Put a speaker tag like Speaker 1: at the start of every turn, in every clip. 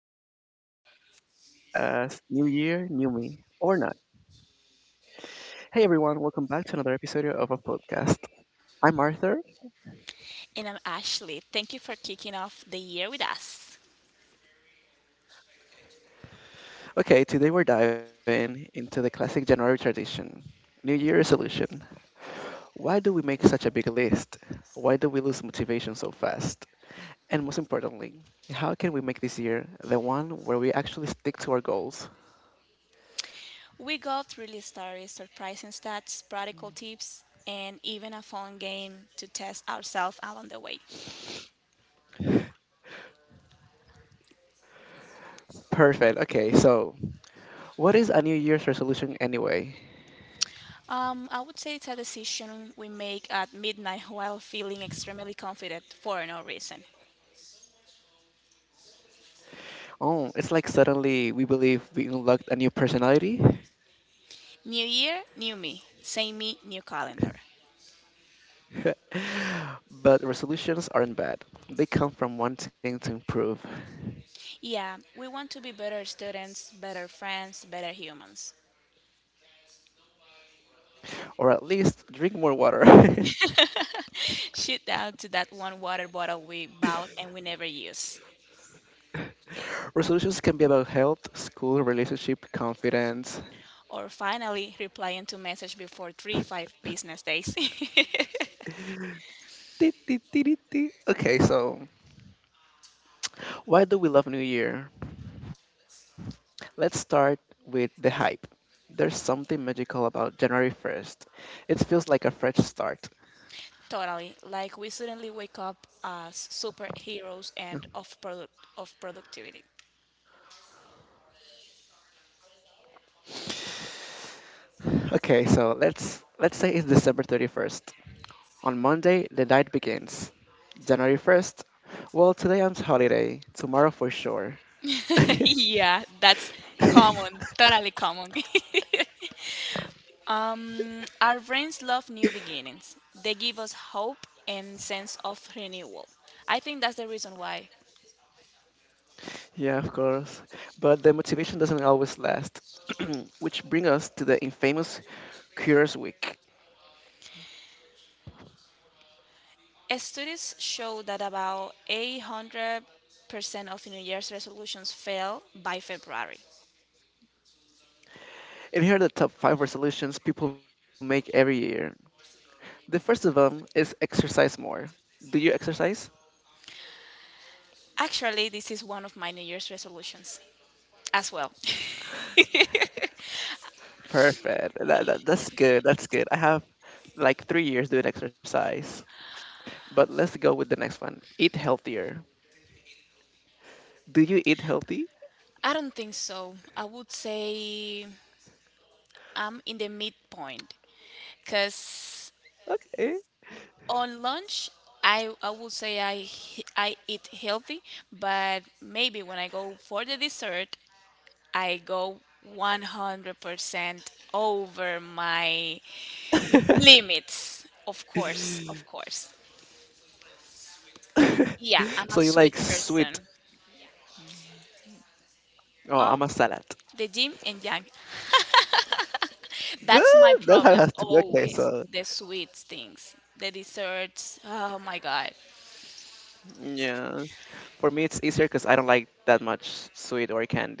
Speaker 1: Okay, welcome to the podcast. New year, new me, or not. Hey everyone, welcome back to another episode of our podcast. I'm Arthur. Okay, today we're diving into the classic January tradition, New Year resolution. Why do we make such a big list? Why do we lose motivation so fast? And most importantly, how can we make this year the one where we actually stick to our goals? Perfect. Okay, so what is a New Year's resolution anyway? Oh, it's like suddenly we believe we unlocked a new personality. But resolutions aren't bad. They come from wanting to improve, or at least drink more water. Resolutions can be about health, school, relationship, confidence. Ti- ti- ti- ti- ti. Okay, so why do we love New Year? Let's start with the hype. There's something magical about January 1st. It feels like a fresh start. Okay, so let's say it's December 31st. On Monday, the night begins. January 1st. Well, today I'm on holiday. Tomorrow for sure. Yeah, of course. But the motivation doesn't always last, which brings us to the infamous Curious Week. And here are the top five resolutions people make every year. The first of them is exercise more. Do you exercise? Perfect. That's good. That's good. I have like 3 years doing exercise. But let's go with the next one, eat healthier. Do you eat healthy? Okay. So you like sweet. Oh, I'm a salad. Duh, that's how it has to be. Okay, so yeah. For me, it's easier because I don't like that much sweet or candies. I don't.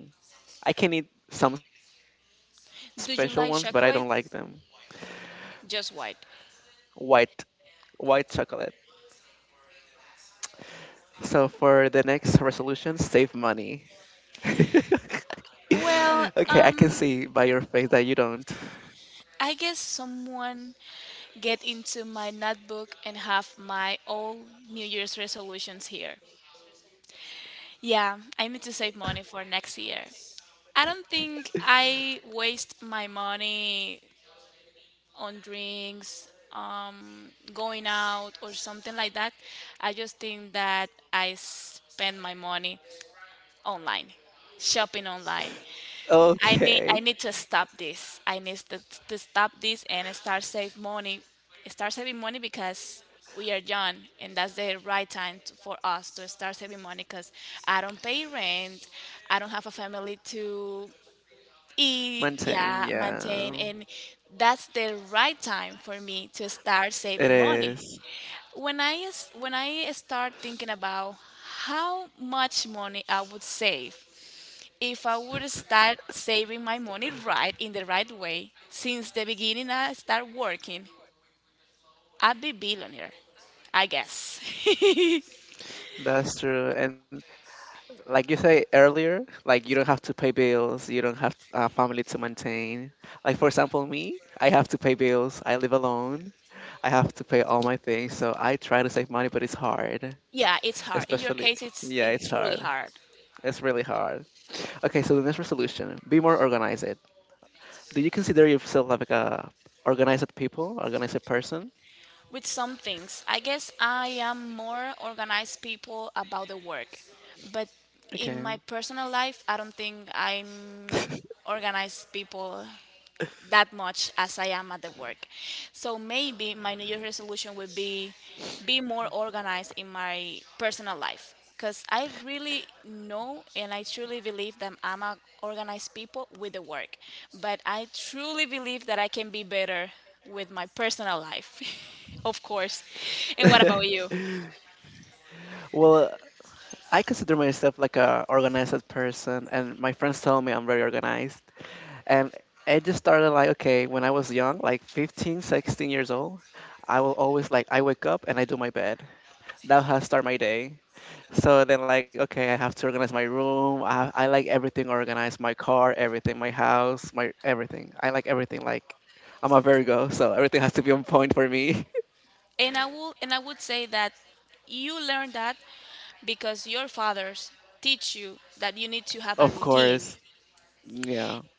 Speaker 1: I can eat some special ones, but I don't like them. White, white chocolate. So for the next resolution, save money. Okay, I can see by your face that you don't. Okay. Maintain, yeah. It is. That's true. And like you say earlier, like you don't have to pay bills, you don't have a family to maintain. Like for example, me, I have to pay bills, I live alone, I have to pay all my things, so I try to save money, but it's hard. Especially, yeah, it's hard. It's really hard. Okay, so the next resolution, be more organized. Do you consider yourself like a organized people, organized person? Okay. Well, I consider myself like a organized person, and my friends tell me I'm very organized. And it just started like, okay, when I was young, like 15, 16 years old, I will always like, I wake up and I do my bed. That how I start my day. So then like, okay, I have to organize my room. I like everything organized, my car, everything, my house, my everything. I like everything. Like, I'm a Virgo, so everything has to be on point for me. Of course. Yeah,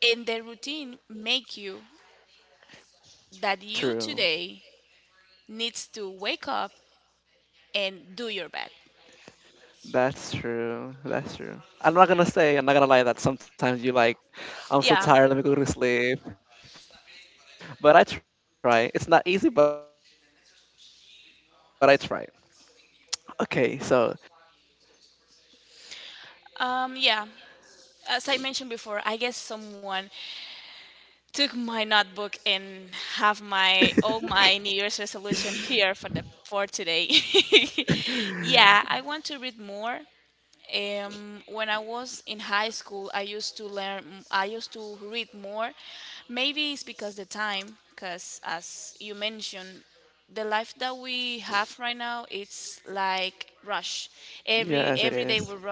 Speaker 1: true. That's true. That's true. I'm not gonna say, I'm not gonna lie that sometimes you like, I'm so tired, let me go to sleep. But I try. It's not easy, but I try. Okay, so the next resolution, read more or learn something new. Yes, it is.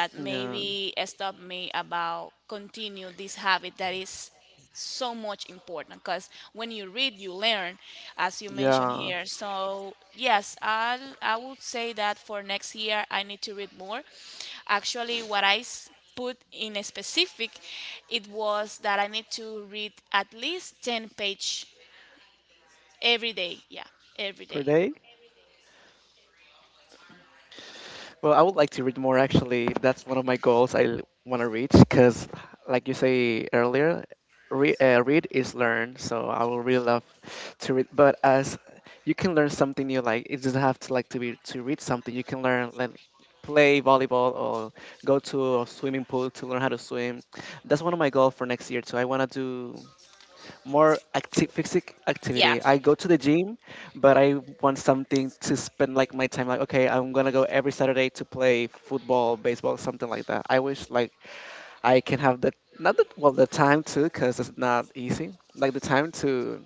Speaker 1: Yeah. Yeah. Per day? Well, I would like to read more actually. That's one of my goals I want to reach because, like you say earlier, read is learn. So I will really love to read. But as you can learn something new, like it doesn't have to like to be to read something. You can learn like play volleyball or go to a swimming pool to learn how to swim. That's one of my goals for next year too. I want to do more active physical activity. I go to the gym, but I want something to spend like my time like okay, I'm gonna go every Saturday to play football, baseball, something like that. I wish like I can have the not the well the time to, because it's not easy. Like the time to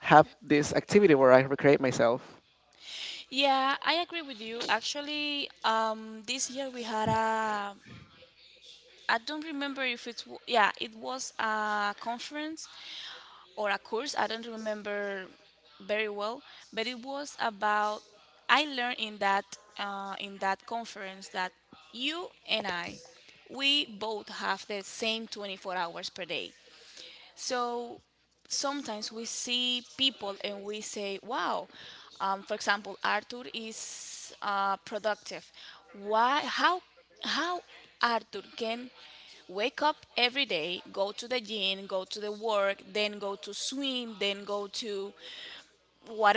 Speaker 1: have this activity where I recreate myself.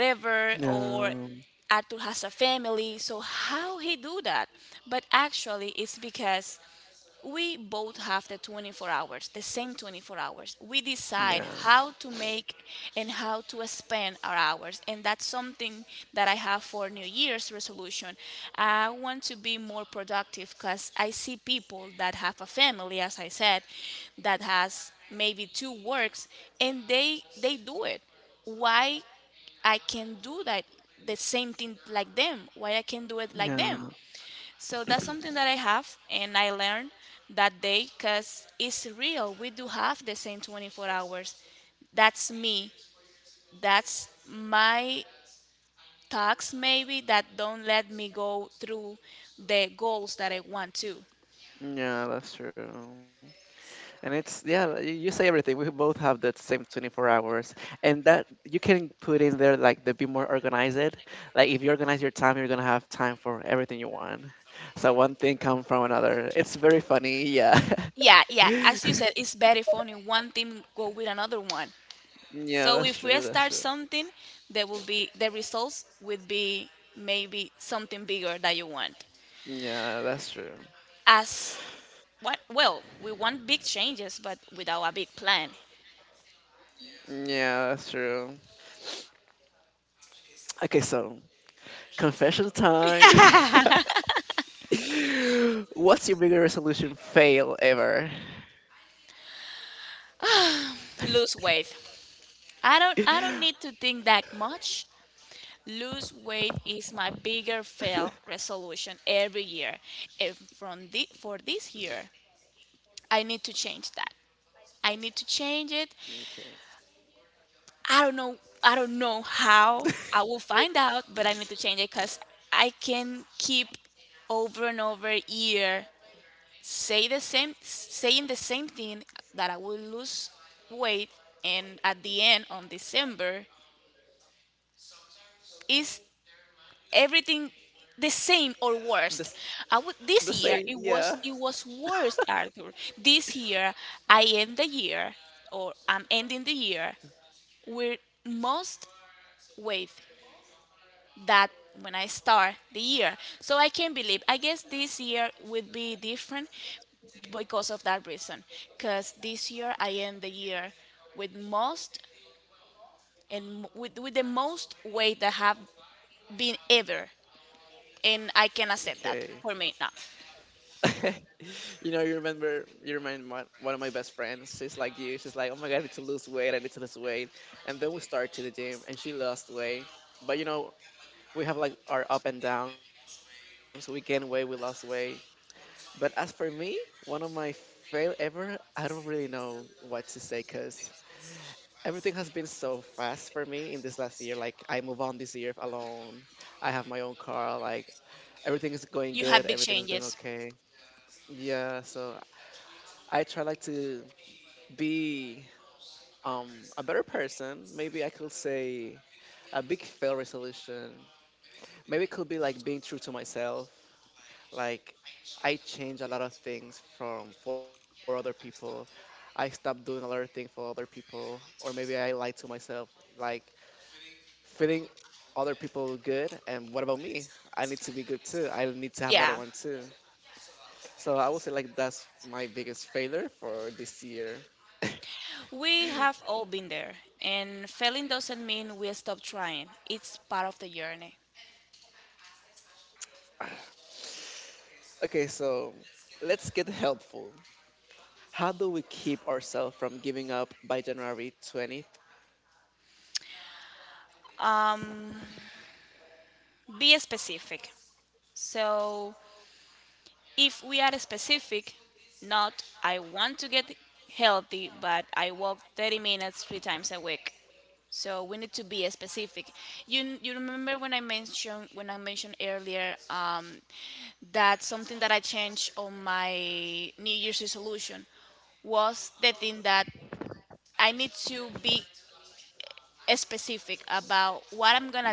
Speaker 1: Yeah, yeah, yeah, yeah. That's true. And it's yeah, you say everything. We both have that same 24 hours, and that you can put in there like the be more organized. Like if you organize your time, you're gonna have time for everything you want. So one thing come from another. It's very funny. Yeah, yeah, that's true. That's true. Yeah, that's true. Yeah, that's true. Okay, so confession time. What's your bigger resolution fail ever? Okay. The, s- the same, yeah. Okay. You know, you remember, you remind my, one of my best friends. She's like you. She's like, oh my god, I need to lose weight. I need to lose weight. And then we start to the gym, and she lost weight. But you know, we have like our up and down. So we gain weight, we lost weight. But as for me, one of my fail ever, I don't really know what to say because everything has been so fast for me in this last year. Like I move on this year alone. I have my own car. Like everything is going good. Everything is going okay. Yeah, so I try like to be a better person. Maybe I could say a big fail resolution. Maybe it could be like being true to myself. Like I change a lot of things from for other people. I stop doing a lot of things for other people, or maybe I lie to myself. Like feeling other people good, and what about me? I need to be good too. I need to have what I want too. So I would say like that's my biggest failure for this year. Okay, so let's get helpful. How do we keep ourselves from giving up by January 20th?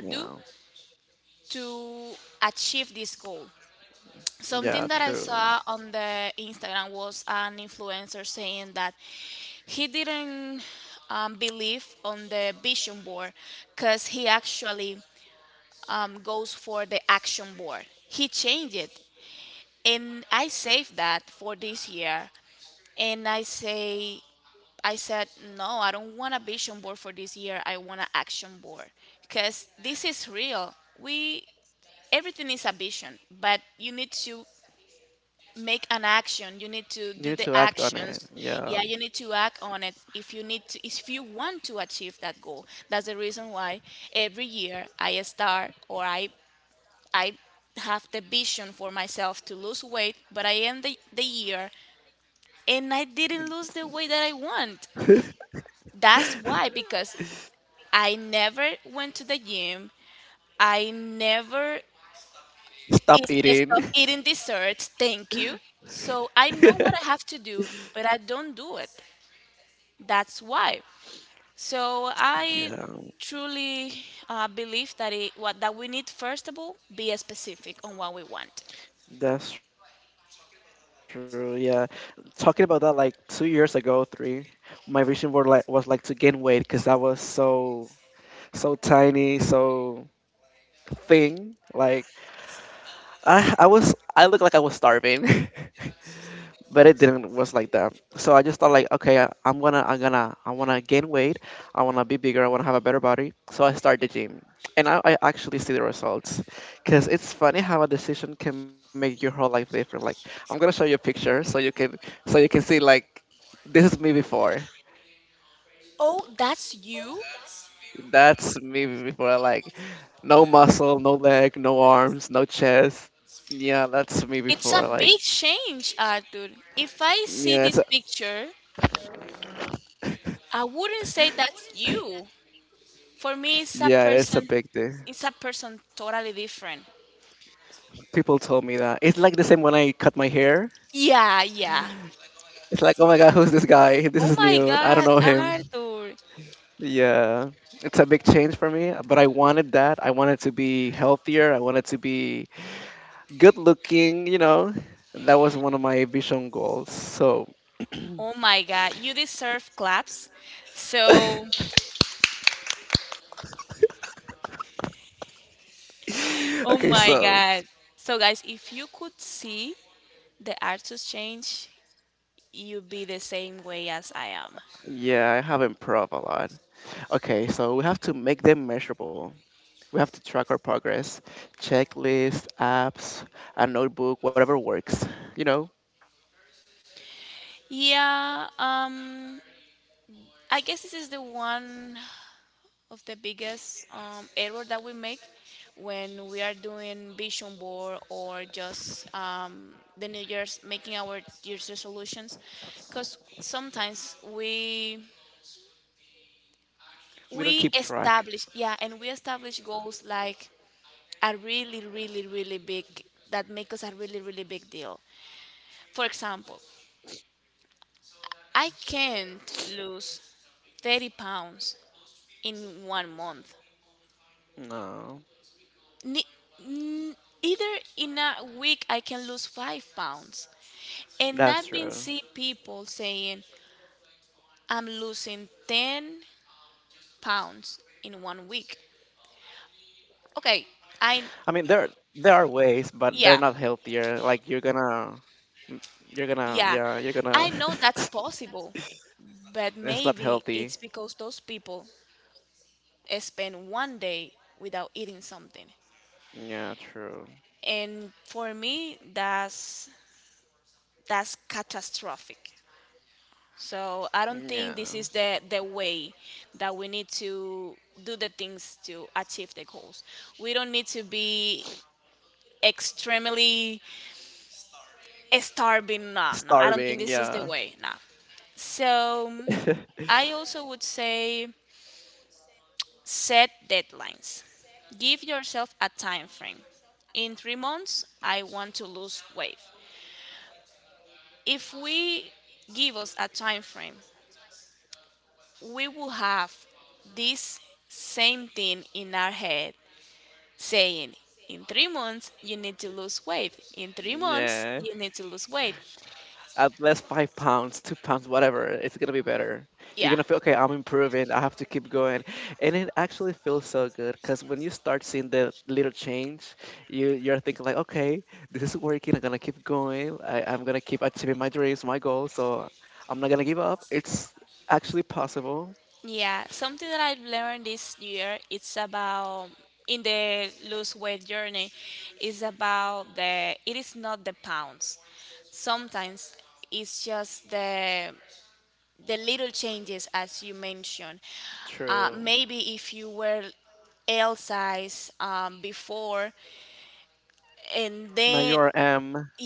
Speaker 1: Yeah. Yeah, true. You need to act on it. Yeah. Stop eating. Yeah. That's true. Yeah. Talking about that like 2 years ago, 3, my vision board like was like to gain weight cuz I was so tiny, so thin, like I looked like I was starving, but it didn't was like that. So I just thought like, okay, I, I'm gonna I wanna gain weight. I wanna be bigger. I wanna have a better body. So I start the gym, and now I actually see the results. Cause it's funny how a decision can make your whole life different. Like I'm gonna show you a picture so you can see like this is me before. That's me before. Like no muscle, no leg, no arms, no chest. Yeah, that's me before. Like yeah, it's a, yeah, it's a big thing. People told me that. It's like the same when I cut my hair. It's like, oh my god, who's this guy? This is new. I don't know him. Yeah, it's a big change for me. But I wanted that. I wanted to be healthier. I wanted to be good looking. You know, that was one of my vision goals. So, okay, so yeah, I have improved a lot. Okay, so we have to make them measurable. We have to track our progress, checklists, apps, a notebook, whatever works. You know, we don't keep track. No, that's true. I mean, there are ways, but they're not healthier. Like you're gonna, yeah, you're gonna. It's not healthy. Yeah, true. Yeah, starving. Yeah, yeah. At least 5 pounds, 2 pounds, whatever. It's gonna be better. You're gonna feel okay. I'm improving. I have to keep going, and it actually feels so good because when you start seeing the little change, you're thinking like, okay, this is working. I'm gonna keep going. I'm gonna keep achieving my dreams, my goals. So I'm not gonna give up. It's actually possible. True. Now you're M.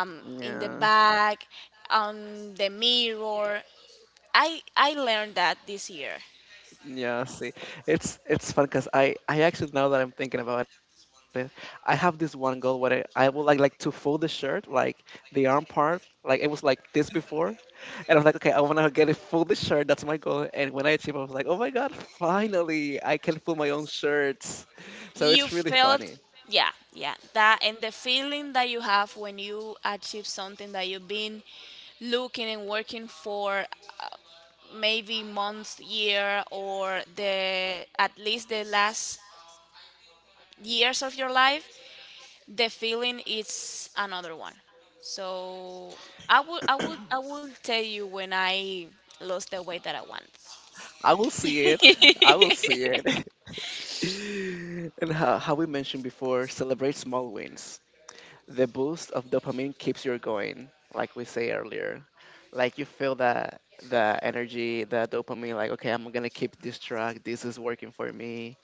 Speaker 1: Yeah. Yeah, see, it's fun because I actually now that I'm thinking about it, I have this one goal where I would like to fold the shirt, like the arm part, like it was like this before, and I was like, okay, I want to get it fold the shirt. That's my goal. And when I achieve, I was like, oh my god, finally, I can fold my own shirts. So it's really funny. I will see it. I will see it. And how we mentioned before, celebrate small wins. The boost of dopamine keeps you going, like we say earlier. Like you feel that the energy, the dopamine, like okay, I'm gonna keep this track. This is working for me.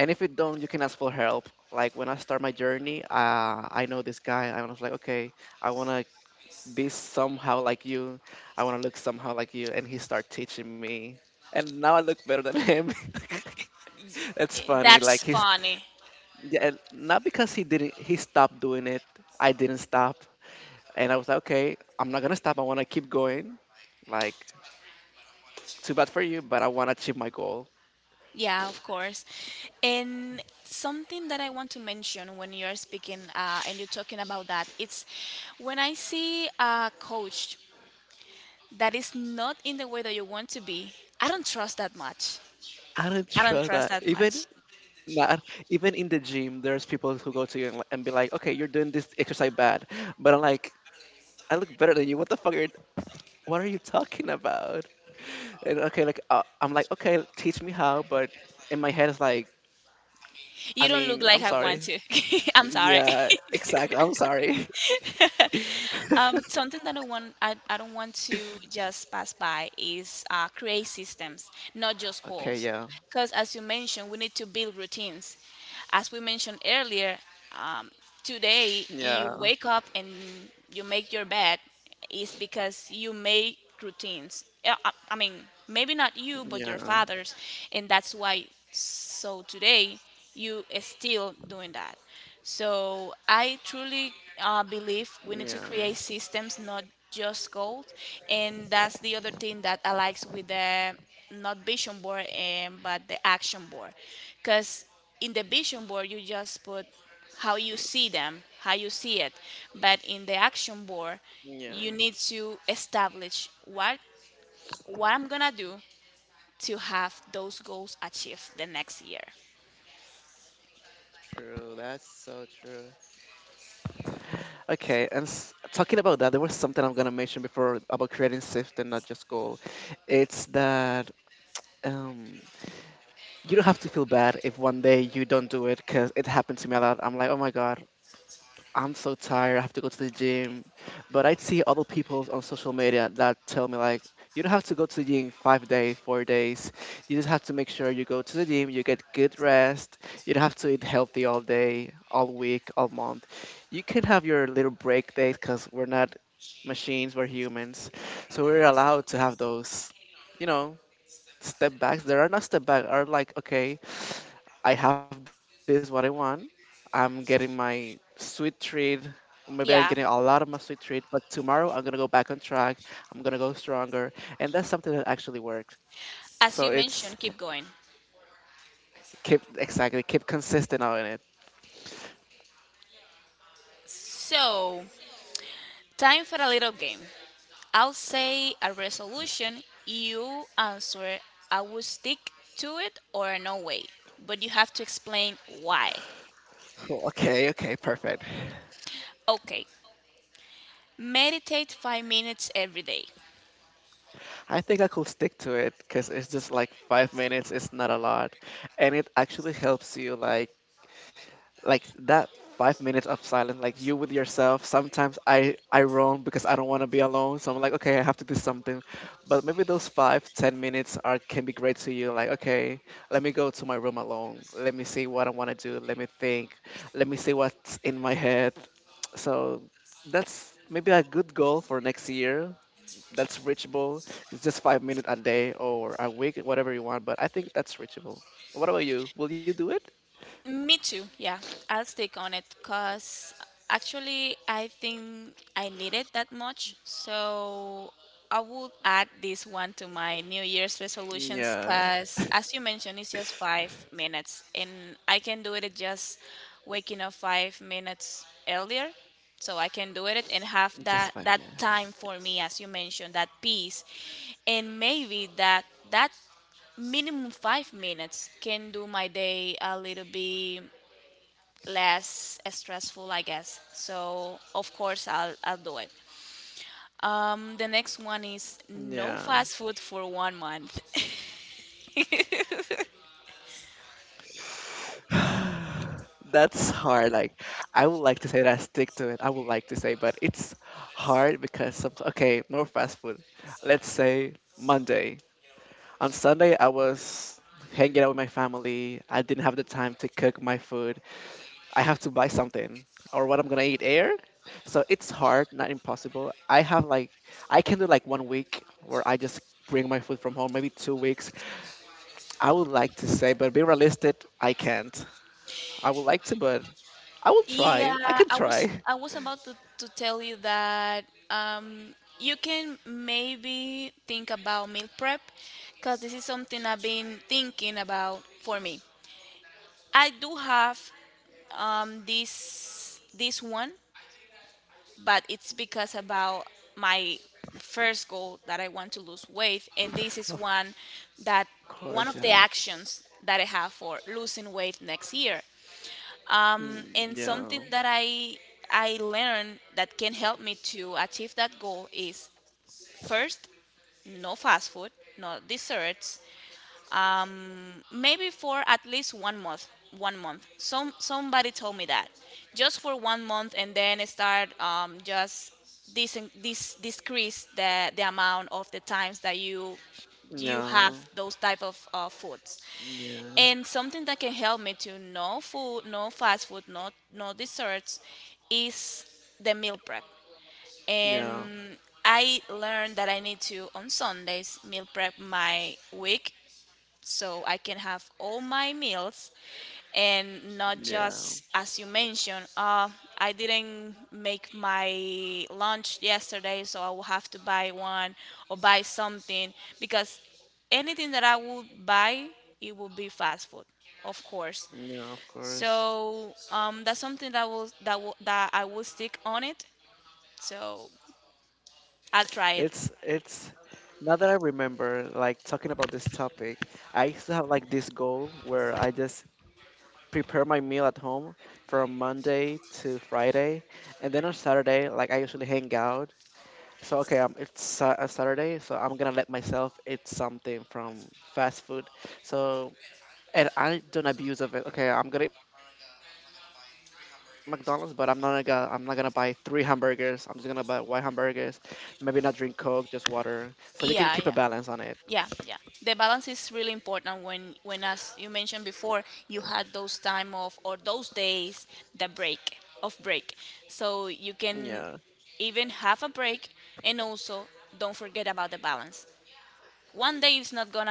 Speaker 1: And if it don't, you can ask for help. Like when I start my journey, I know this guy. And I was like, okay, I wanna be somehow like you. I wanna look somehow like you. And he started teaching me, and now I look better than him. That's funny. Like he's yeah, and not because he didn't he stopped doing it. I didn't stop. And I was like, okay, I'm not gonna stop. I wanna keep going. Like, too bad for you, but I wanna achieve my goal. I don't trust that. Even not even in the gym, there's people who go to you and be like, okay, you're doing this exercise bad. But I'm like, I look better than you. What are you talking about? And okay, like I'm like, okay, teach me how, but in my head it's like, I mean, I'm sorry. Yeah, exactly, I'm sorry. Okay, yeah. Yeah. Yeah. Yeah. Yeah. True. That's so true. Okay, and talking about that, there was something I'm gonna mention before about creating shift and not just goal. It's that um, you don't have to feel bad if one day you don't do it, because it happened to me a lot. I'm like, oh my god, I'm so tired. I have to go to the gym. But I'd see other people on social media that tell me like, you don't have to go to the gym 5 days, 4 days. You just have to make sure you go to the gym, you get good rest. You don't have to eat healthy all day, all week, all month. You can have your little break days because we're not machines, we're humans. So we're allowed to have those, you know, step backs. There are not step back. Are like okay, I have this what I want. I'm getting my sweet treat. Or maybe I'm getting a lot of my sweet treat, but tomorrow I'm gonna go back on track. I'm gonna go stronger, and that's something that actually works. So it's keep consistent on it. Oh, okay, okay, perfect. I think I could stick to it because it's just like 5 minutes. It's not a lot, and it actually helps you like that 5 minutes of silence, like you with yourself. Sometimes I roam because I don't want to be alone, so I'm like, okay, I have to do something. But maybe those 5-10 minutes are can be great to you. Like, okay, let me go to my room alone. Let me see what I want to do. Let me think. Let me see what's in my head. So that's maybe a good goal for next year. That's reachable. It's just 5 minutes a day or a week, whatever you want. But I think that's reachable. What about you? Will you do it? Yeah, just 5 minutes. Yeah. That's hard. Like, I would like to say that I stick to it. I would like to say, but it's hard because some, okay, no fast food. Let's say Monday. On Sunday, I was hanging out with my family. I didn't have the time to cook my food. I have to buy something or what I'm gonna eat air. So it's hard, not impossible. I can do like 1 week where I just bring my food from home, maybe 2 weeks I would like to say, but being realistic, I can't. I would like to, but I will try. I can try. Of course, yeah. Mm, yeah. Yeah. Yeah. Yeah. Yeah. Yeah, of course. It's now that I remember like talking about this topic, I used to have like this goal where I just prepare my meal at home from Monday to Friday, and then on Saturday like I usually hang out. So okay, it's Saturday, so I'm gonna let myself eat something from fast food. So, and I don't abuse of it. Okay, I'm gonna eat McDonald's, but I'm not gonna buy three hamburgers. I'm just gonna buy one hamburgers. Maybe not drink Coke, just water. So you can keep a balance on it. Yeah, yeah,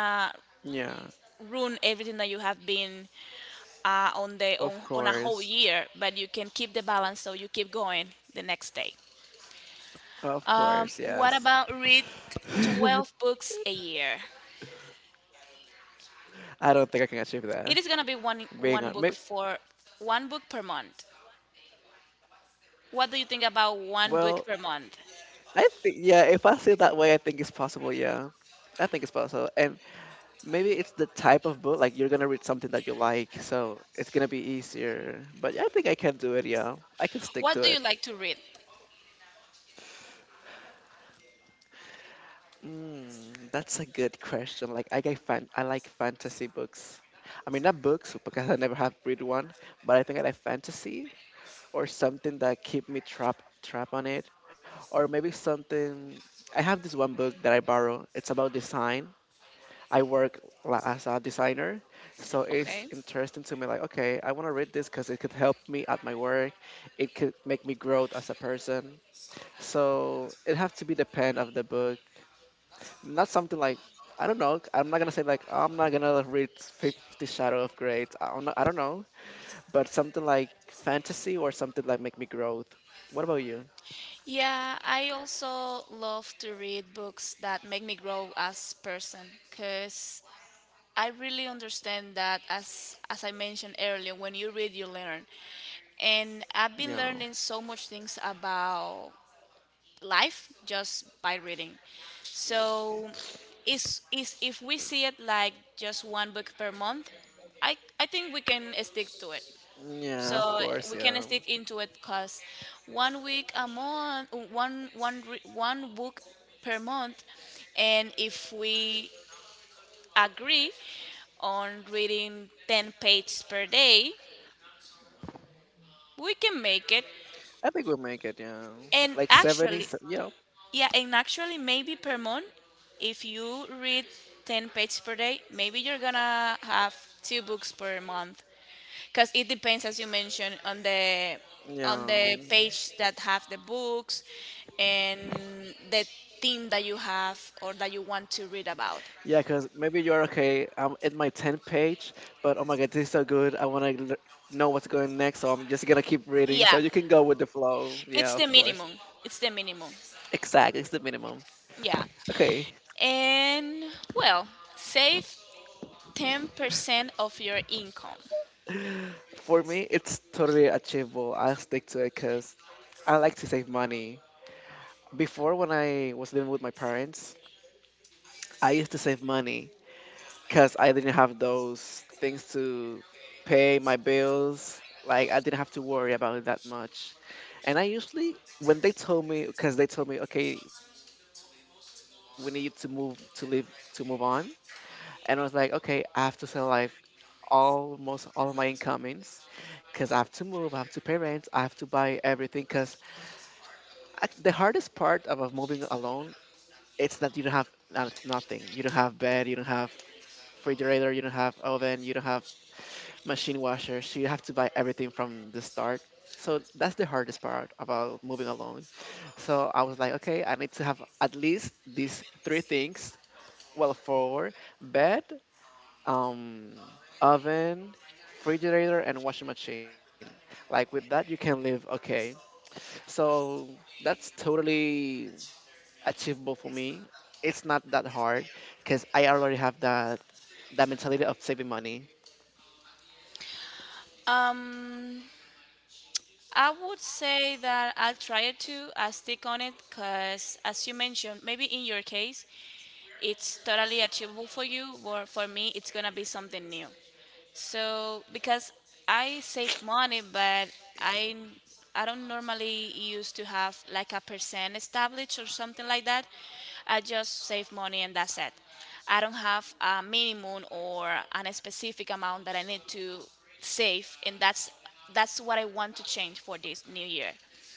Speaker 1: of course, of course, yes. I don't think I can achieve that. Being on, may, well, I think yeah. If I see it that way, I think it's possible. Yeah. I think it's possible. And maybe it's the type of book, like you're gonna read something that you like, so it's gonna be easier. But yeah, I think I can do it, yeah. I can stick to it. Mm, that's a good question. Like I like fantasy books. I mean not books because I never have read one, but I think I like fantasy or something that keep me trap on it. Or maybe something, I have this one book that I borrow. It's about design. I work as a designer, so it's interesting to me. Like, okay, I want to read this because it could help me at my work. It could make me grow as a person. So it have to be the pen of the book, not something like, I don't know. I'm not gonna say like I'm not gonna read Fifty Shadow of Grey. I don't know, but something like fantasy or something like make me growth. What about you? Yeah, yeah, of course, yeah. I think we'll make it. Yeah, like 70. Yeah, yeah. Yeah, because maybe you're okay. I'm at my 10th page, but oh my god, this is so good. I want to know what's going next, so I'm just gonna keep reading. So you can go with the flow. Yeah, of course. Exactly, it's the minimum. Okay, for me, it's totally achievable. I'll stick to it because I like to save money. Before, when I was living with my parents, I used to save money because I didn't have those things to pay my bills. Like I didn't have to worry about it that much. And I usually, when they told me, because they told me, okay, we need you to move, to live, to move on, and I was like, okay, I have to sell life almost all of my incomings because I have to move, I have to pay rent, I have to buy everything. Because the hardest part of moving alone, it's that you don't have nothing. You don't have bed, you don't have refrigerator, you don't have oven, you don't have machine washer, so you have to buy everything from the start. So that's the hardest part about moving alone. So I was like, okay, I need to have at least these three things. Well, four: bed, um, oven, refrigerator, and washing machine. Like with that, you can live okay. So that's totally achievable for me. It's not that hard because I already have that mentality of saving money.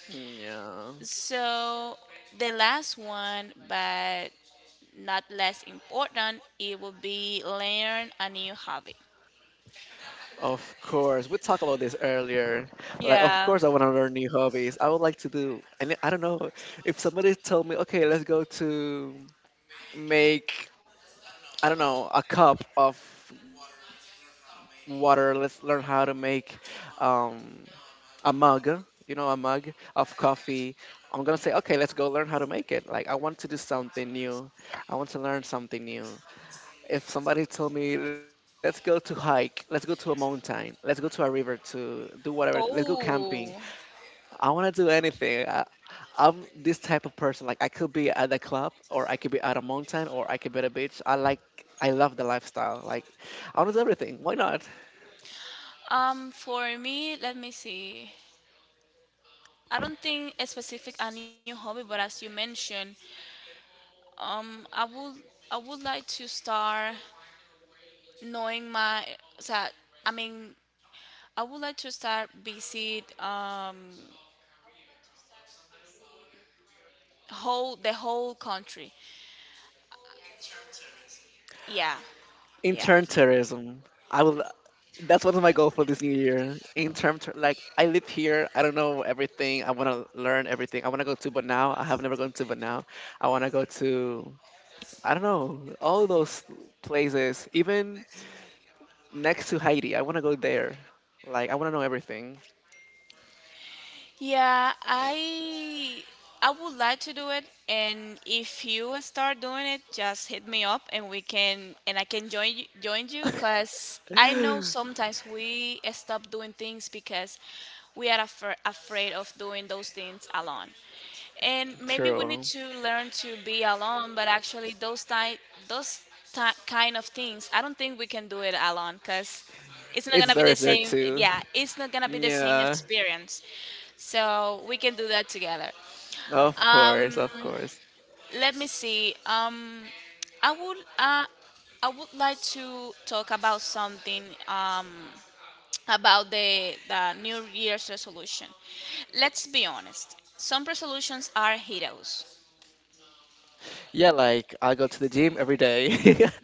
Speaker 1: Yeah. Of course, we talked about this earlier. Like, of course, I want to learn new hobbies. I would like to do, and I don't know, if somebody told me, okay, let's go to make, I don't know, a cup of water. Let's learn how to make um, a mug, a mug of coffee. I'm gonna say, okay, let's go learn how to make it. Like, I want to do something new. I want to learn something new. If somebody told me, let's go to hike, let's go to a mountain, let's go to a river to do whatever, let's go camping. I want to do anything. I'm this type of person. Like I could be at the club, or I could be at a mountain, or I could be at a beach. I love the lifestyle. Like I want to do everything. Why not? Intern tourism. I will. That's one of my goals for this new year. In terms to, like I live here, I don't know everything. I want to learn everything. I want to go to but now. I have never gone to but now. I want to go to, I don't know, all those places, even next to Haiti. I want to go there. Like I want to know everything. True. It's very up there too. Yeah. Of course, of course. Yeah, like I go to the gym every day.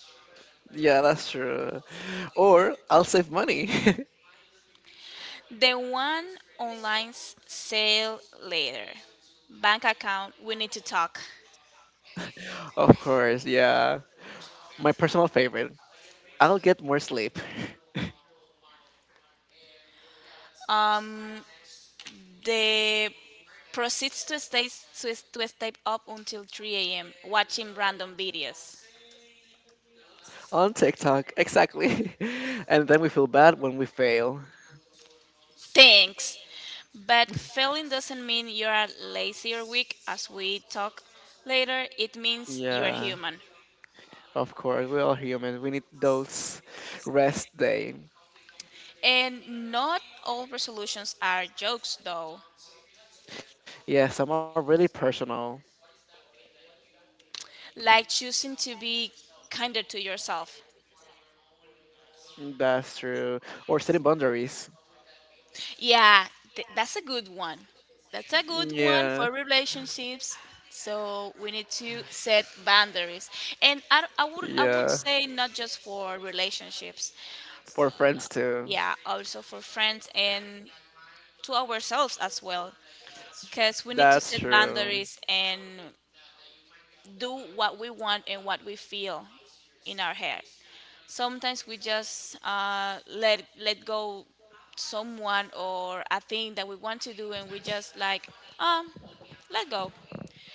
Speaker 1: Yeah, that's true. Or I'll save money. Of course, yeah. My personal favorite. I'll get more sleep on TikTok, exactly. And then we feel bad when we fail. Yeah, of course, we're all human. We need those rest day. Yeah, some are really personal. That's true. Or setting boundaries. Yeah, yeah. For friends too. That's true.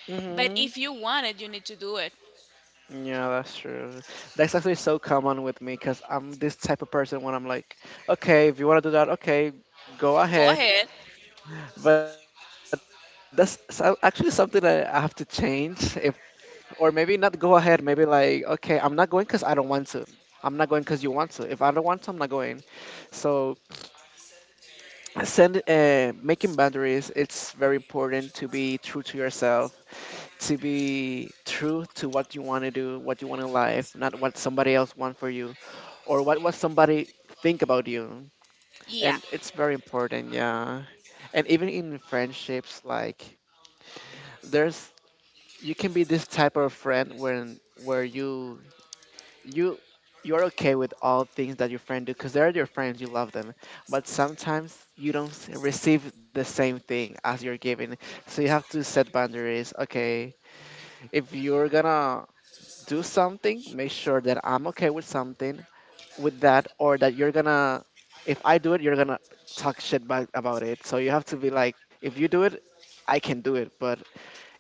Speaker 1: Mhm. Yeah, that's true. That's actually so common with me because I'm this type of person when I'm like, okay, if you want to do that, okay, go ahead. But that's actually something that I have to change. If Or maybe not go ahead, maybe like, okay, I'm not going because I don't want to. I'm not going because you want to. If I don't want to, I'm not going. So send Making boundaries, it's very important to be true to yourself, to be true to what you want, to do what you want in life, not what somebody else want for you, or what somebody think about you. And it's very important, yeah. And even in friendships, like, there's, you can be this type of friend when where you you're okay with all things that your friend do because they're your friends, you love them. But sometimes you don't receive the same thing as you're giving. So you have to set boundaries. Okay, if you're gonna do something, make sure that I'm okay with something, with that, or that you're gonna, if I do it, you're gonna talk shit back about it. So you have to be like, if you do it, I can do it, but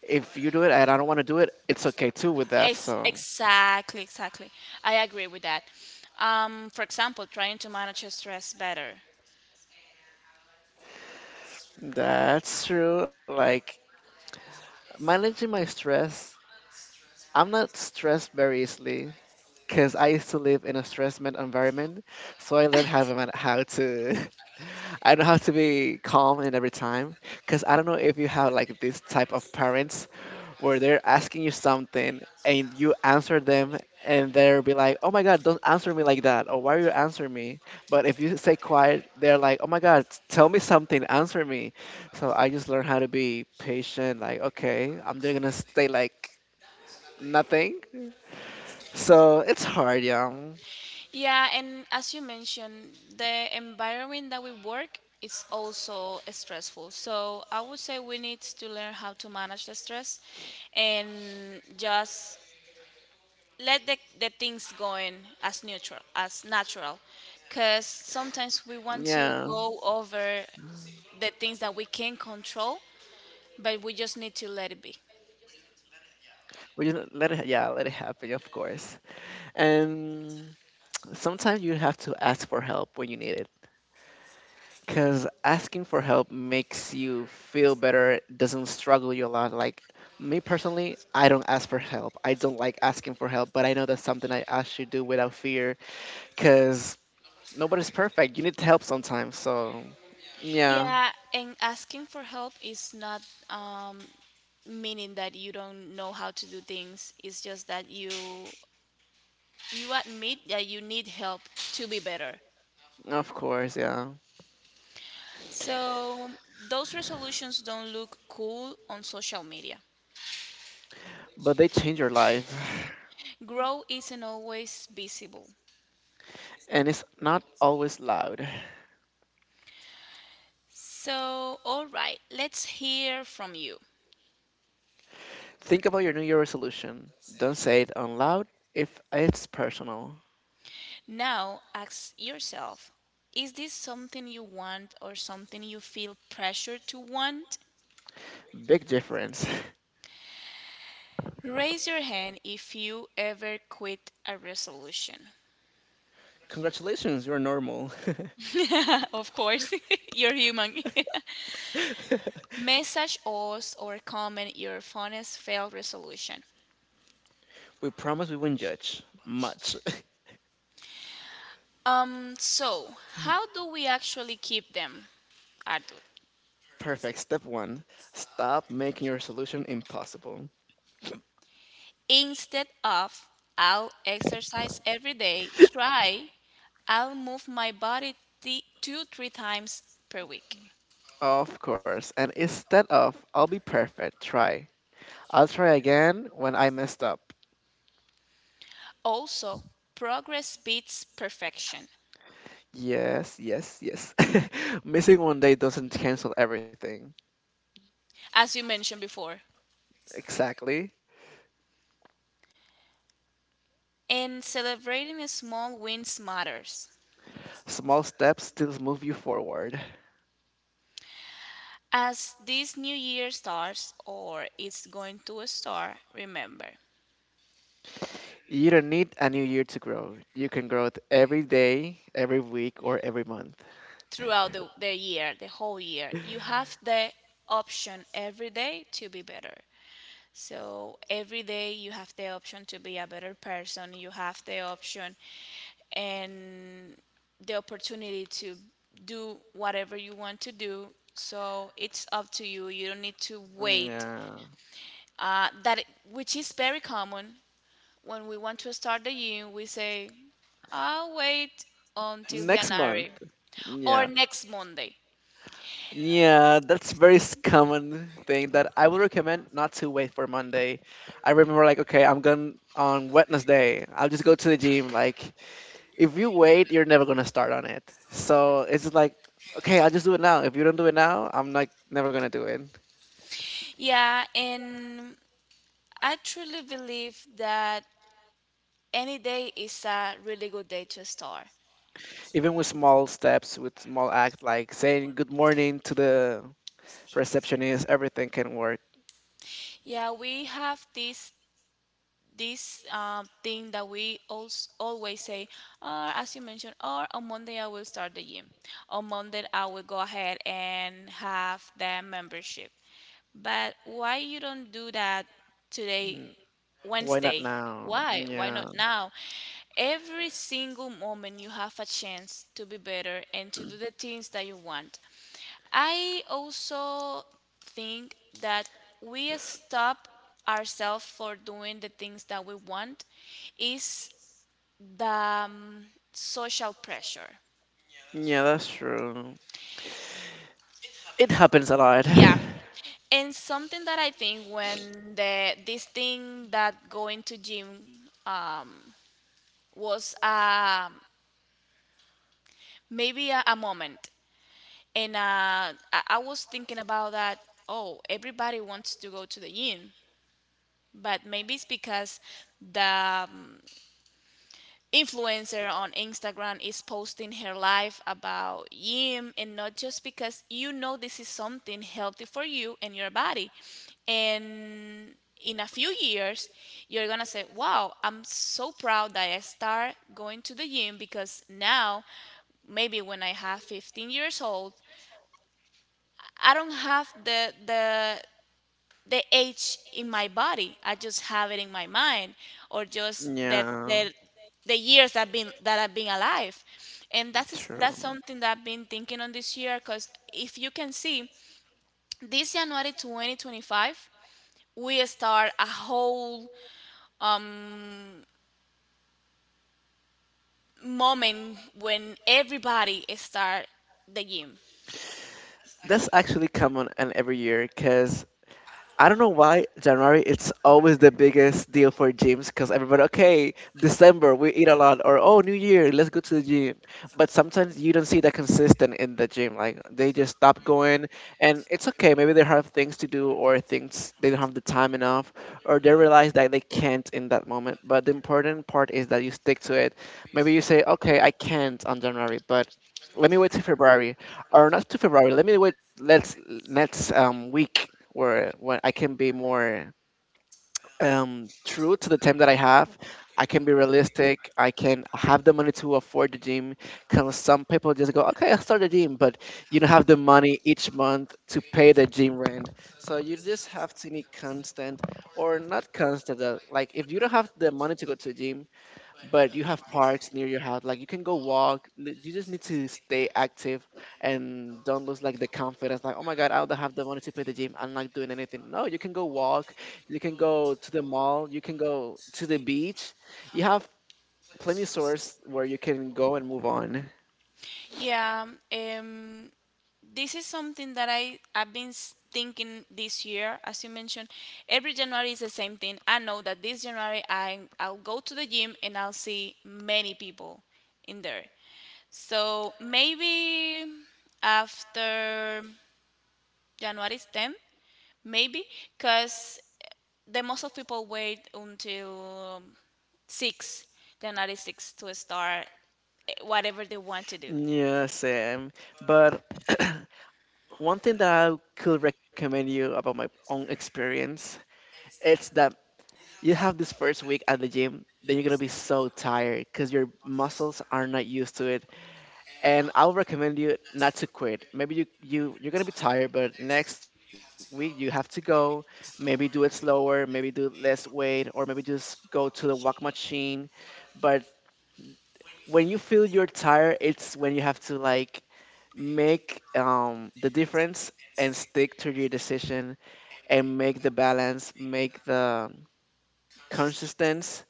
Speaker 1: if you do it and I don't want to do it, it's okay too with that. So that's true, like. Managing my stress, I'm not stressed very easily because I used to live in a stress environment, so I learned how to how to, I know how to be calm in every time. Because I don't know if you have like this type of parents where they're asking you something and you answer them, and they'll be like, "Oh my God, don't answer me like that," or "Why are you answering me?" But if you stay quiet, they're like, "Oh my God, tell me something, answer me." So I just learned how to be patient. Like, okay, I'm just gonna stay like nothing. So it's hard, yeah. Yeah, we just let it. Yeah, let it happen, of course. And sometimes you have to ask for help when you need it, because asking for help makes you feel better, doesn't struggle you a lot. Like me personally, I don't ask for help. I don't like asking for help, but I know that's something I should do without fear, because nobody's perfect. You need help sometimes. So, yeah, of course, yeah. But they change your life. And it's not always loud. Think about your New Year resolution. Don't say it out loud if it's personal. Big difference. Congratulations, you're normal. We promise we won't judge much. Perfect. Step one, stop making your solution impossible. Of course. And instead of I'll be perfect, try. I'll try again when I messed up. Yes, yes, yes. Missing one day doesn't cancel everything. Exactly. Small steps still move you forward. You don't need a new year to grow. You can grow it every day, every week, or every month. Yeah. Next month. Yeah. Yeah, that's very common thing that I would recommend, not to wait for Monday. I remember like, okay, I'm going on Wednesday. I'll just go to the gym. Like, if you wait, you're never gonna start on it. So it's just like, okay, I'll just do it now. If you don't do it now, I'm like never gonna do it. Even with small steps, with small act, like saying good morning to the receptionist, everything can work. Mm, why not now? Yeah. Yeah, that's true. It happens a lot. Yeah, true. That's actually common and every year, because I don't know why January, it's always the biggest deal for gyms, because everybody, okay, December we eat a lot, or oh, New Year, let's go to the gym. But sometimes you don't see that consistent in the gym, like they just stop going. And it's okay, maybe they have things to do or things, they don't have the time enough, or they realize that they can't in that moment. But the important part is that you stick to it. Maybe you say, okay, I can't on January, but let me wait till February. Or not to February. Let me wait. Let's next week where, when I can be more true to the time that I have. I can be realistic. I can have the money to afford the gym. Cause some people just go, okay, I'll start the gym, but you don't have the money each month to pay the gym rent. So you just have to be constant, or not constant. Like if you don't have the money to go to the gym, but you have parks near your house, like you can go walk, you just need to stay active. And don't lose like the confidence, like, oh my god, I don't have the money to pay the gym, I'm not doing anything. No, you can go walk, you can go to the mall, you can go to the beach. You have plenty of source where you can go and move on. Yeah, same. But one thing that I could recommend you about my own experience, it's that you have this first week at the gym, then you're gonna be so tired because your muscles are not used to it. And I'll recommend you not to quit. Maybe you're gonna be tired, but next week you have to go. Maybe do it slower, maybe do less weight, or maybe just go to the walk machine. But when you feel you're tired, it's when you have to like make the difference, and stick to your decision, and make the balance, make the consistency.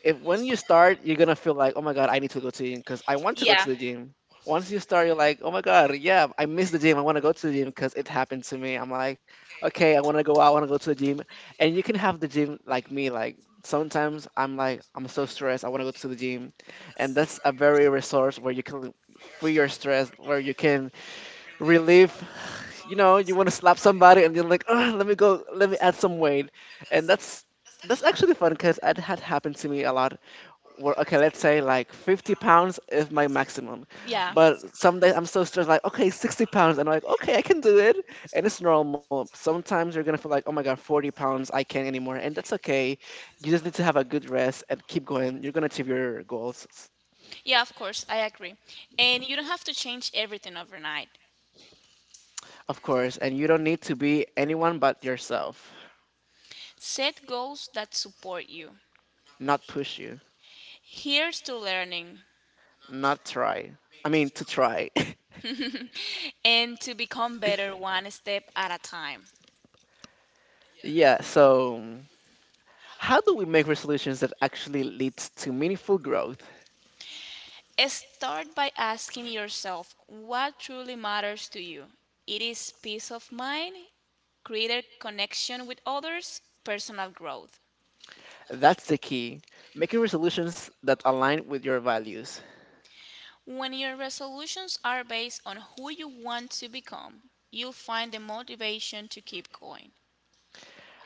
Speaker 1: If when you start, you're gonna feel like, oh my god, I need to go to the gym because I want to go to the gym. Once you start, you're like, oh my god, yeah, I miss the gym. I want to go to the gym, because it happened to me. I'm like, okay, I want to go out. I want to go to the gym. And you can have the gym like me. Like sometimes I'm like, I'm so stressed. I want to go to the gym. And that's a very resource where you can free your stress, where you can relieve, you know you want to slap somebody and you're like, oh, let me go, let me add some weight. And that's actually fun, because it had happened to me a lot, where, okay, let's say like 50 pounds is my maximum, but some days I'm so stressed, like okay, 60 pounds, and I'm like, okay, I can do it. And it's normal, sometimes you're gonna feel like, oh my god, 40 pounds I can't anymore, and that's okay. You just need to have a good rest and keep going, you're gonna achieve your goals. Of course. And you don't need to be anyone but yourself. Not push you. Not try. I mean, to try. Yeah, so how do we make resolutions that actually leads to meaningful growth? That's the key. Making resolutions that align with your values.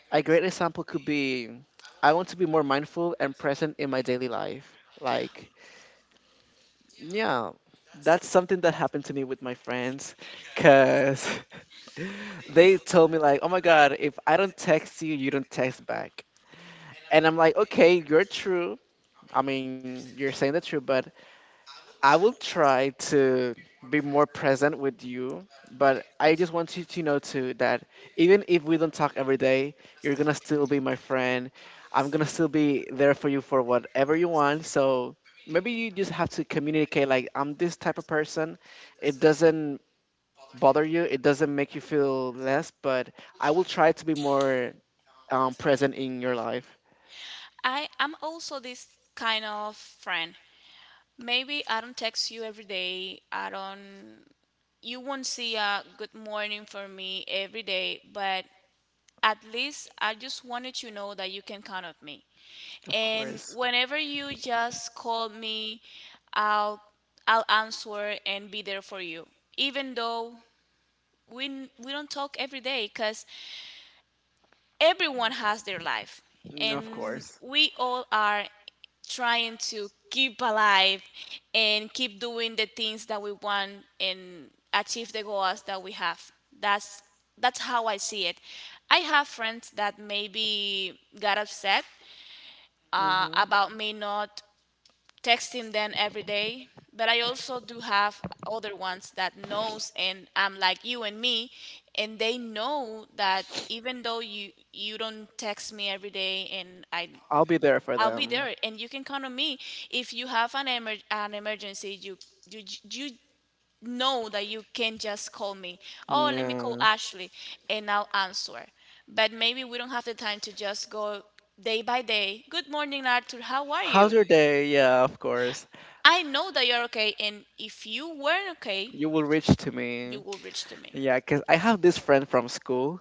Speaker 1: A great example could be, I want to be more mindful and present in my daily life. Like, yeah, that's something that happened to me with my friends cuz they told me like, "Oh my god, if I don't text you, you don't text back." And I'm like, "Okay, you're true, I mean, you're saying the truth, but I will try to be more present with you. But I just want you to know too that even if we don't talk every day, you're gonna still be my friend. I'm gonna still be there for you for whatever you want. So maybe you just have to communicate, like I'm this type of person. It doesn't bother you, it doesn't make you feel less, but I will try to be more present in your life. Of course. Mm, of course. Hmm. I'll be there for them. Yeah. How's your day? Yeah, of course. You will reach to me. Yeah, 'cause I have this friend from school.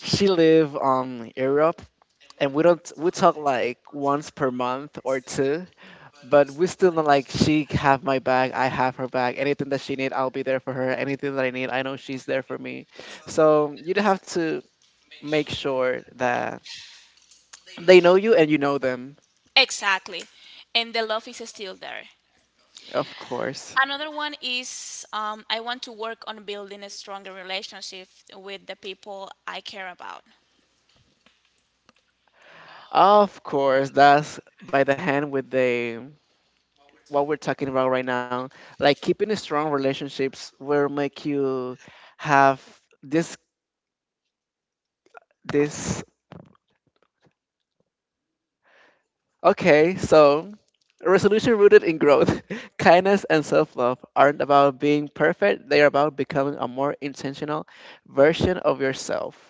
Speaker 1: She live Europe, and we don't we talk like once per month or two, but we still not like, she have my back, I have her back. Anything that she need, I'll be there for her. Anything that I need, I know she's there for me. So you'd have to make sure that they know you and you know them. Of course. Of course. That's by the hand with the what we're talking about right now. Like keeping strong relationships will make you have this, this, okay, so a resolution rooted in growth, kindness and self-love aren't about being perfect, they are about becoming a more intentional version of yourself.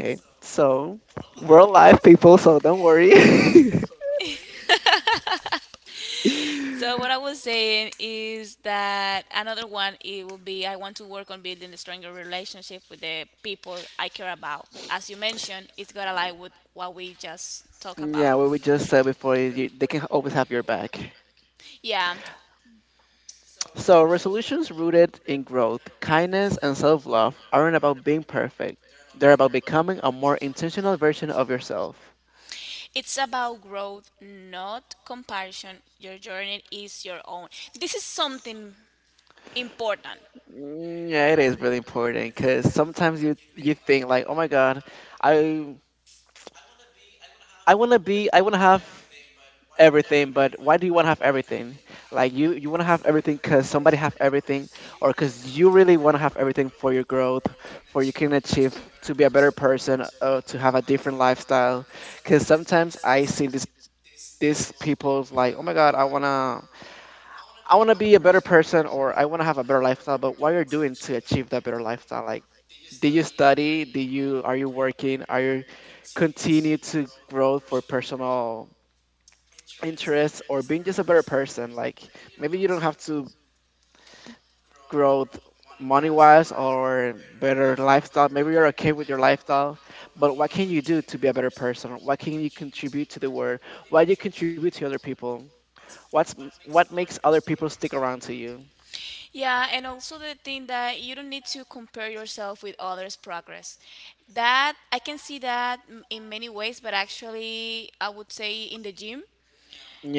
Speaker 1: Okay. So, we're alive people, so don't worry.
Speaker 2: So what I was saying is that another one it will be I want to work on building a stronger relationship with the people I care about. As you mentioned, it's got to lie with what we just talked about.
Speaker 1: Yeah, what we just said before is, you, they can always have your back.
Speaker 2: Yeah,
Speaker 1: So, resolutions rooted in growth, kindness, and self love aren't about being perfect. They're about becoming a more intentional version of yourself.
Speaker 2: it's about growth, not comparison. Your journey is your own. This is something important.
Speaker 1: Mm, yeah, it is really important because sometimes you think like, oh my God, I I wanna be, I wanna have everything. But why do you want to have everything? Like you want to have everything because somebody have everything, or because you really want to have everything for your growth, for you can achieve to be a better person, to have a different lifestyle. Because sometimes I see this, these people's like, oh my god, I want to, I want to be a better person, or I want to have a better lifestyle. But what you're doing to achieve that better lifestyle? Like, did you study? Do you, are you working, are you continue to grow for personal interests, or being just a better person? Like maybe you don't have to grow money wise or better lifestyle. Maybe you're okay with your lifestyle, but what can you do to be a better person? What can you contribute to the world? Why do you contribute to other people? What's, what makes other people stick around to you?
Speaker 2: Yeah, and also the thing that you don't need to compare yourself with others' progress. That I can see that in many ways, but actually, I would say in the gym.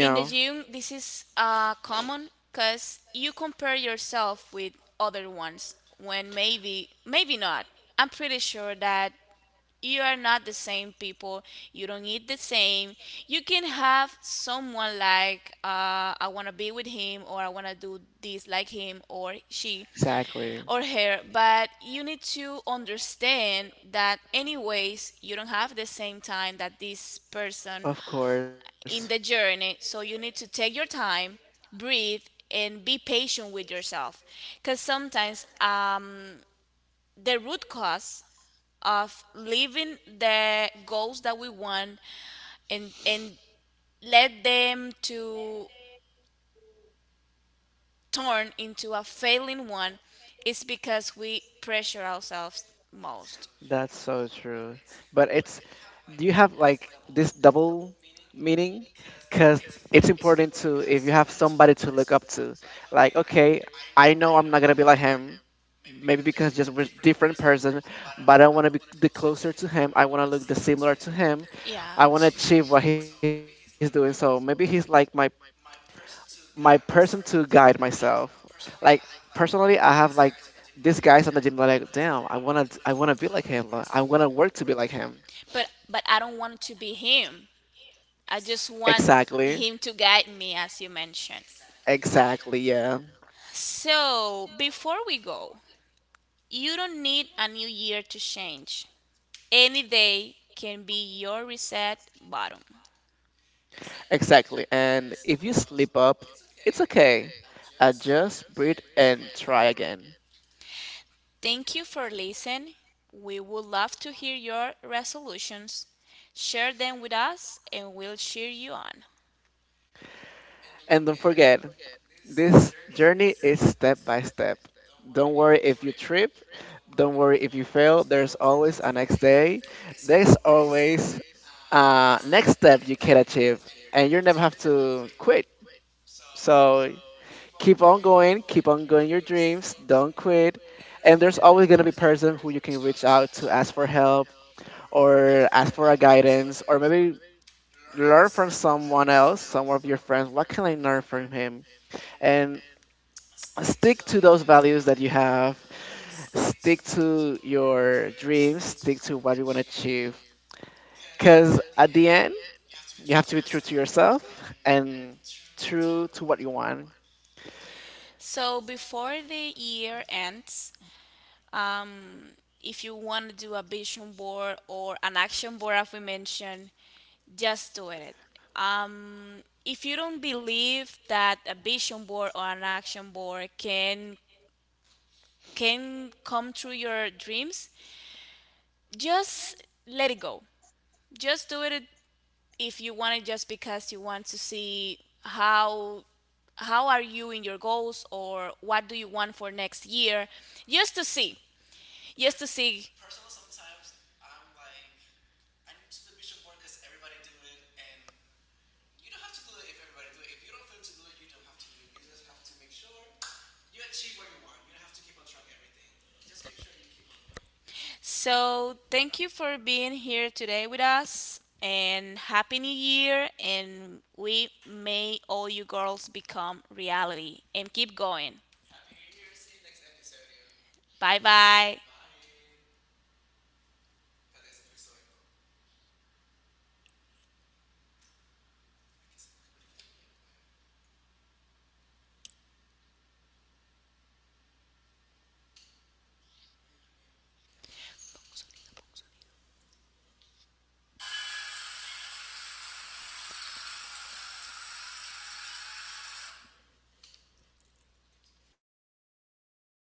Speaker 2: In the gym, this is common because you compare yourself with other ones when maybe, maybe not. I'm pretty sure that you are not the same people. You don't eat the same. You can have someone like, I want to be with him, or I want to do this like him or she
Speaker 1: exactly.
Speaker 2: or her, but you need to understand that anyways you don't have the same time that this person
Speaker 1: Of course.
Speaker 2: in the journey. So you need to take your time, breathe, and be patient with yourself. Because sometimes the root cause of leaving the goals that we want and let them to turn into a failing one is because we pressure ourselves most.
Speaker 1: That's so true. But it's, do you have like this double meaning? Because it's important to, if you have somebody to look up to, like okay, I know I'm not gonna be like him, maybe because just we're different person, but I want to be the closer to him. I want to look the similar to him.
Speaker 2: Yeah.
Speaker 1: I want to achieve what he's doing. So maybe he's like my person to guide myself. Like personally, I have like these guys on the gym. Like, damn, I wanna be like him. Like, I wanna work to be like him.
Speaker 2: But I don't want to be him. I just want
Speaker 1: Exactly,
Speaker 2: him to guide me as you mentioned.
Speaker 1: exactly, yeah,
Speaker 2: So, before we go, you don't need a new year to change. Any day can be your reset button.
Speaker 1: exactly. And if you slip up, it's okay. Adjust, breathe, and try again.
Speaker 2: Thank you for listening. We would love to hear your resolutions. Share them with us and we'll cheer you on.
Speaker 1: And don't forget, this journey is step by step. Don't worry if you trip. Don't worry if you fail. There's always a next day. There's always next step you can achieve, and you never have to quit. So keep on going your dreams, don't quit. And there's always gonna be person who you can reach out to, ask for help, or ask for a guidance, or maybe learn from someone else, some of your friends. What can I learn from him? And stick to those values that you have. Stick to your dreams. Stick to what you want to achieve. Because at the end, you have to be true to yourself, and true to what you want.
Speaker 2: So, before the year ends, if you want to do a vision board or an action board as we mentioned, just do it. um, if you don't believe that a vision board or an action board can come true your dreams, just let it go, just do it, if you want it, just because you want to see how are you in your goals or what do you want for next year, just
Speaker 1: Yeah.
Speaker 2: to see, just to
Speaker 1: Because
Speaker 2: see.
Speaker 1: personally, sometimes I'm like, I need to do vision board because everybody do it, and you don't have to do it if everybody do it. If you don't feel to do it, you don't have to do it. You just have to make sure you achieve what you want. You don't have to keep on track everything. Just make sure you keep on going.
Speaker 2: So, thank you for being here today with us and happy new year and we may all you girls become reality and keep going.
Speaker 1: Happy New Year. See you next episode, yo.
Speaker 2: Bye bye.
Speaker 1: Bye. Espérate que se frizó esto. Ay, que se me acabó el internet, pues. Ay, Dios mío, qué hambre tengo. Espérate, porque esto... Ay, padre, espérate.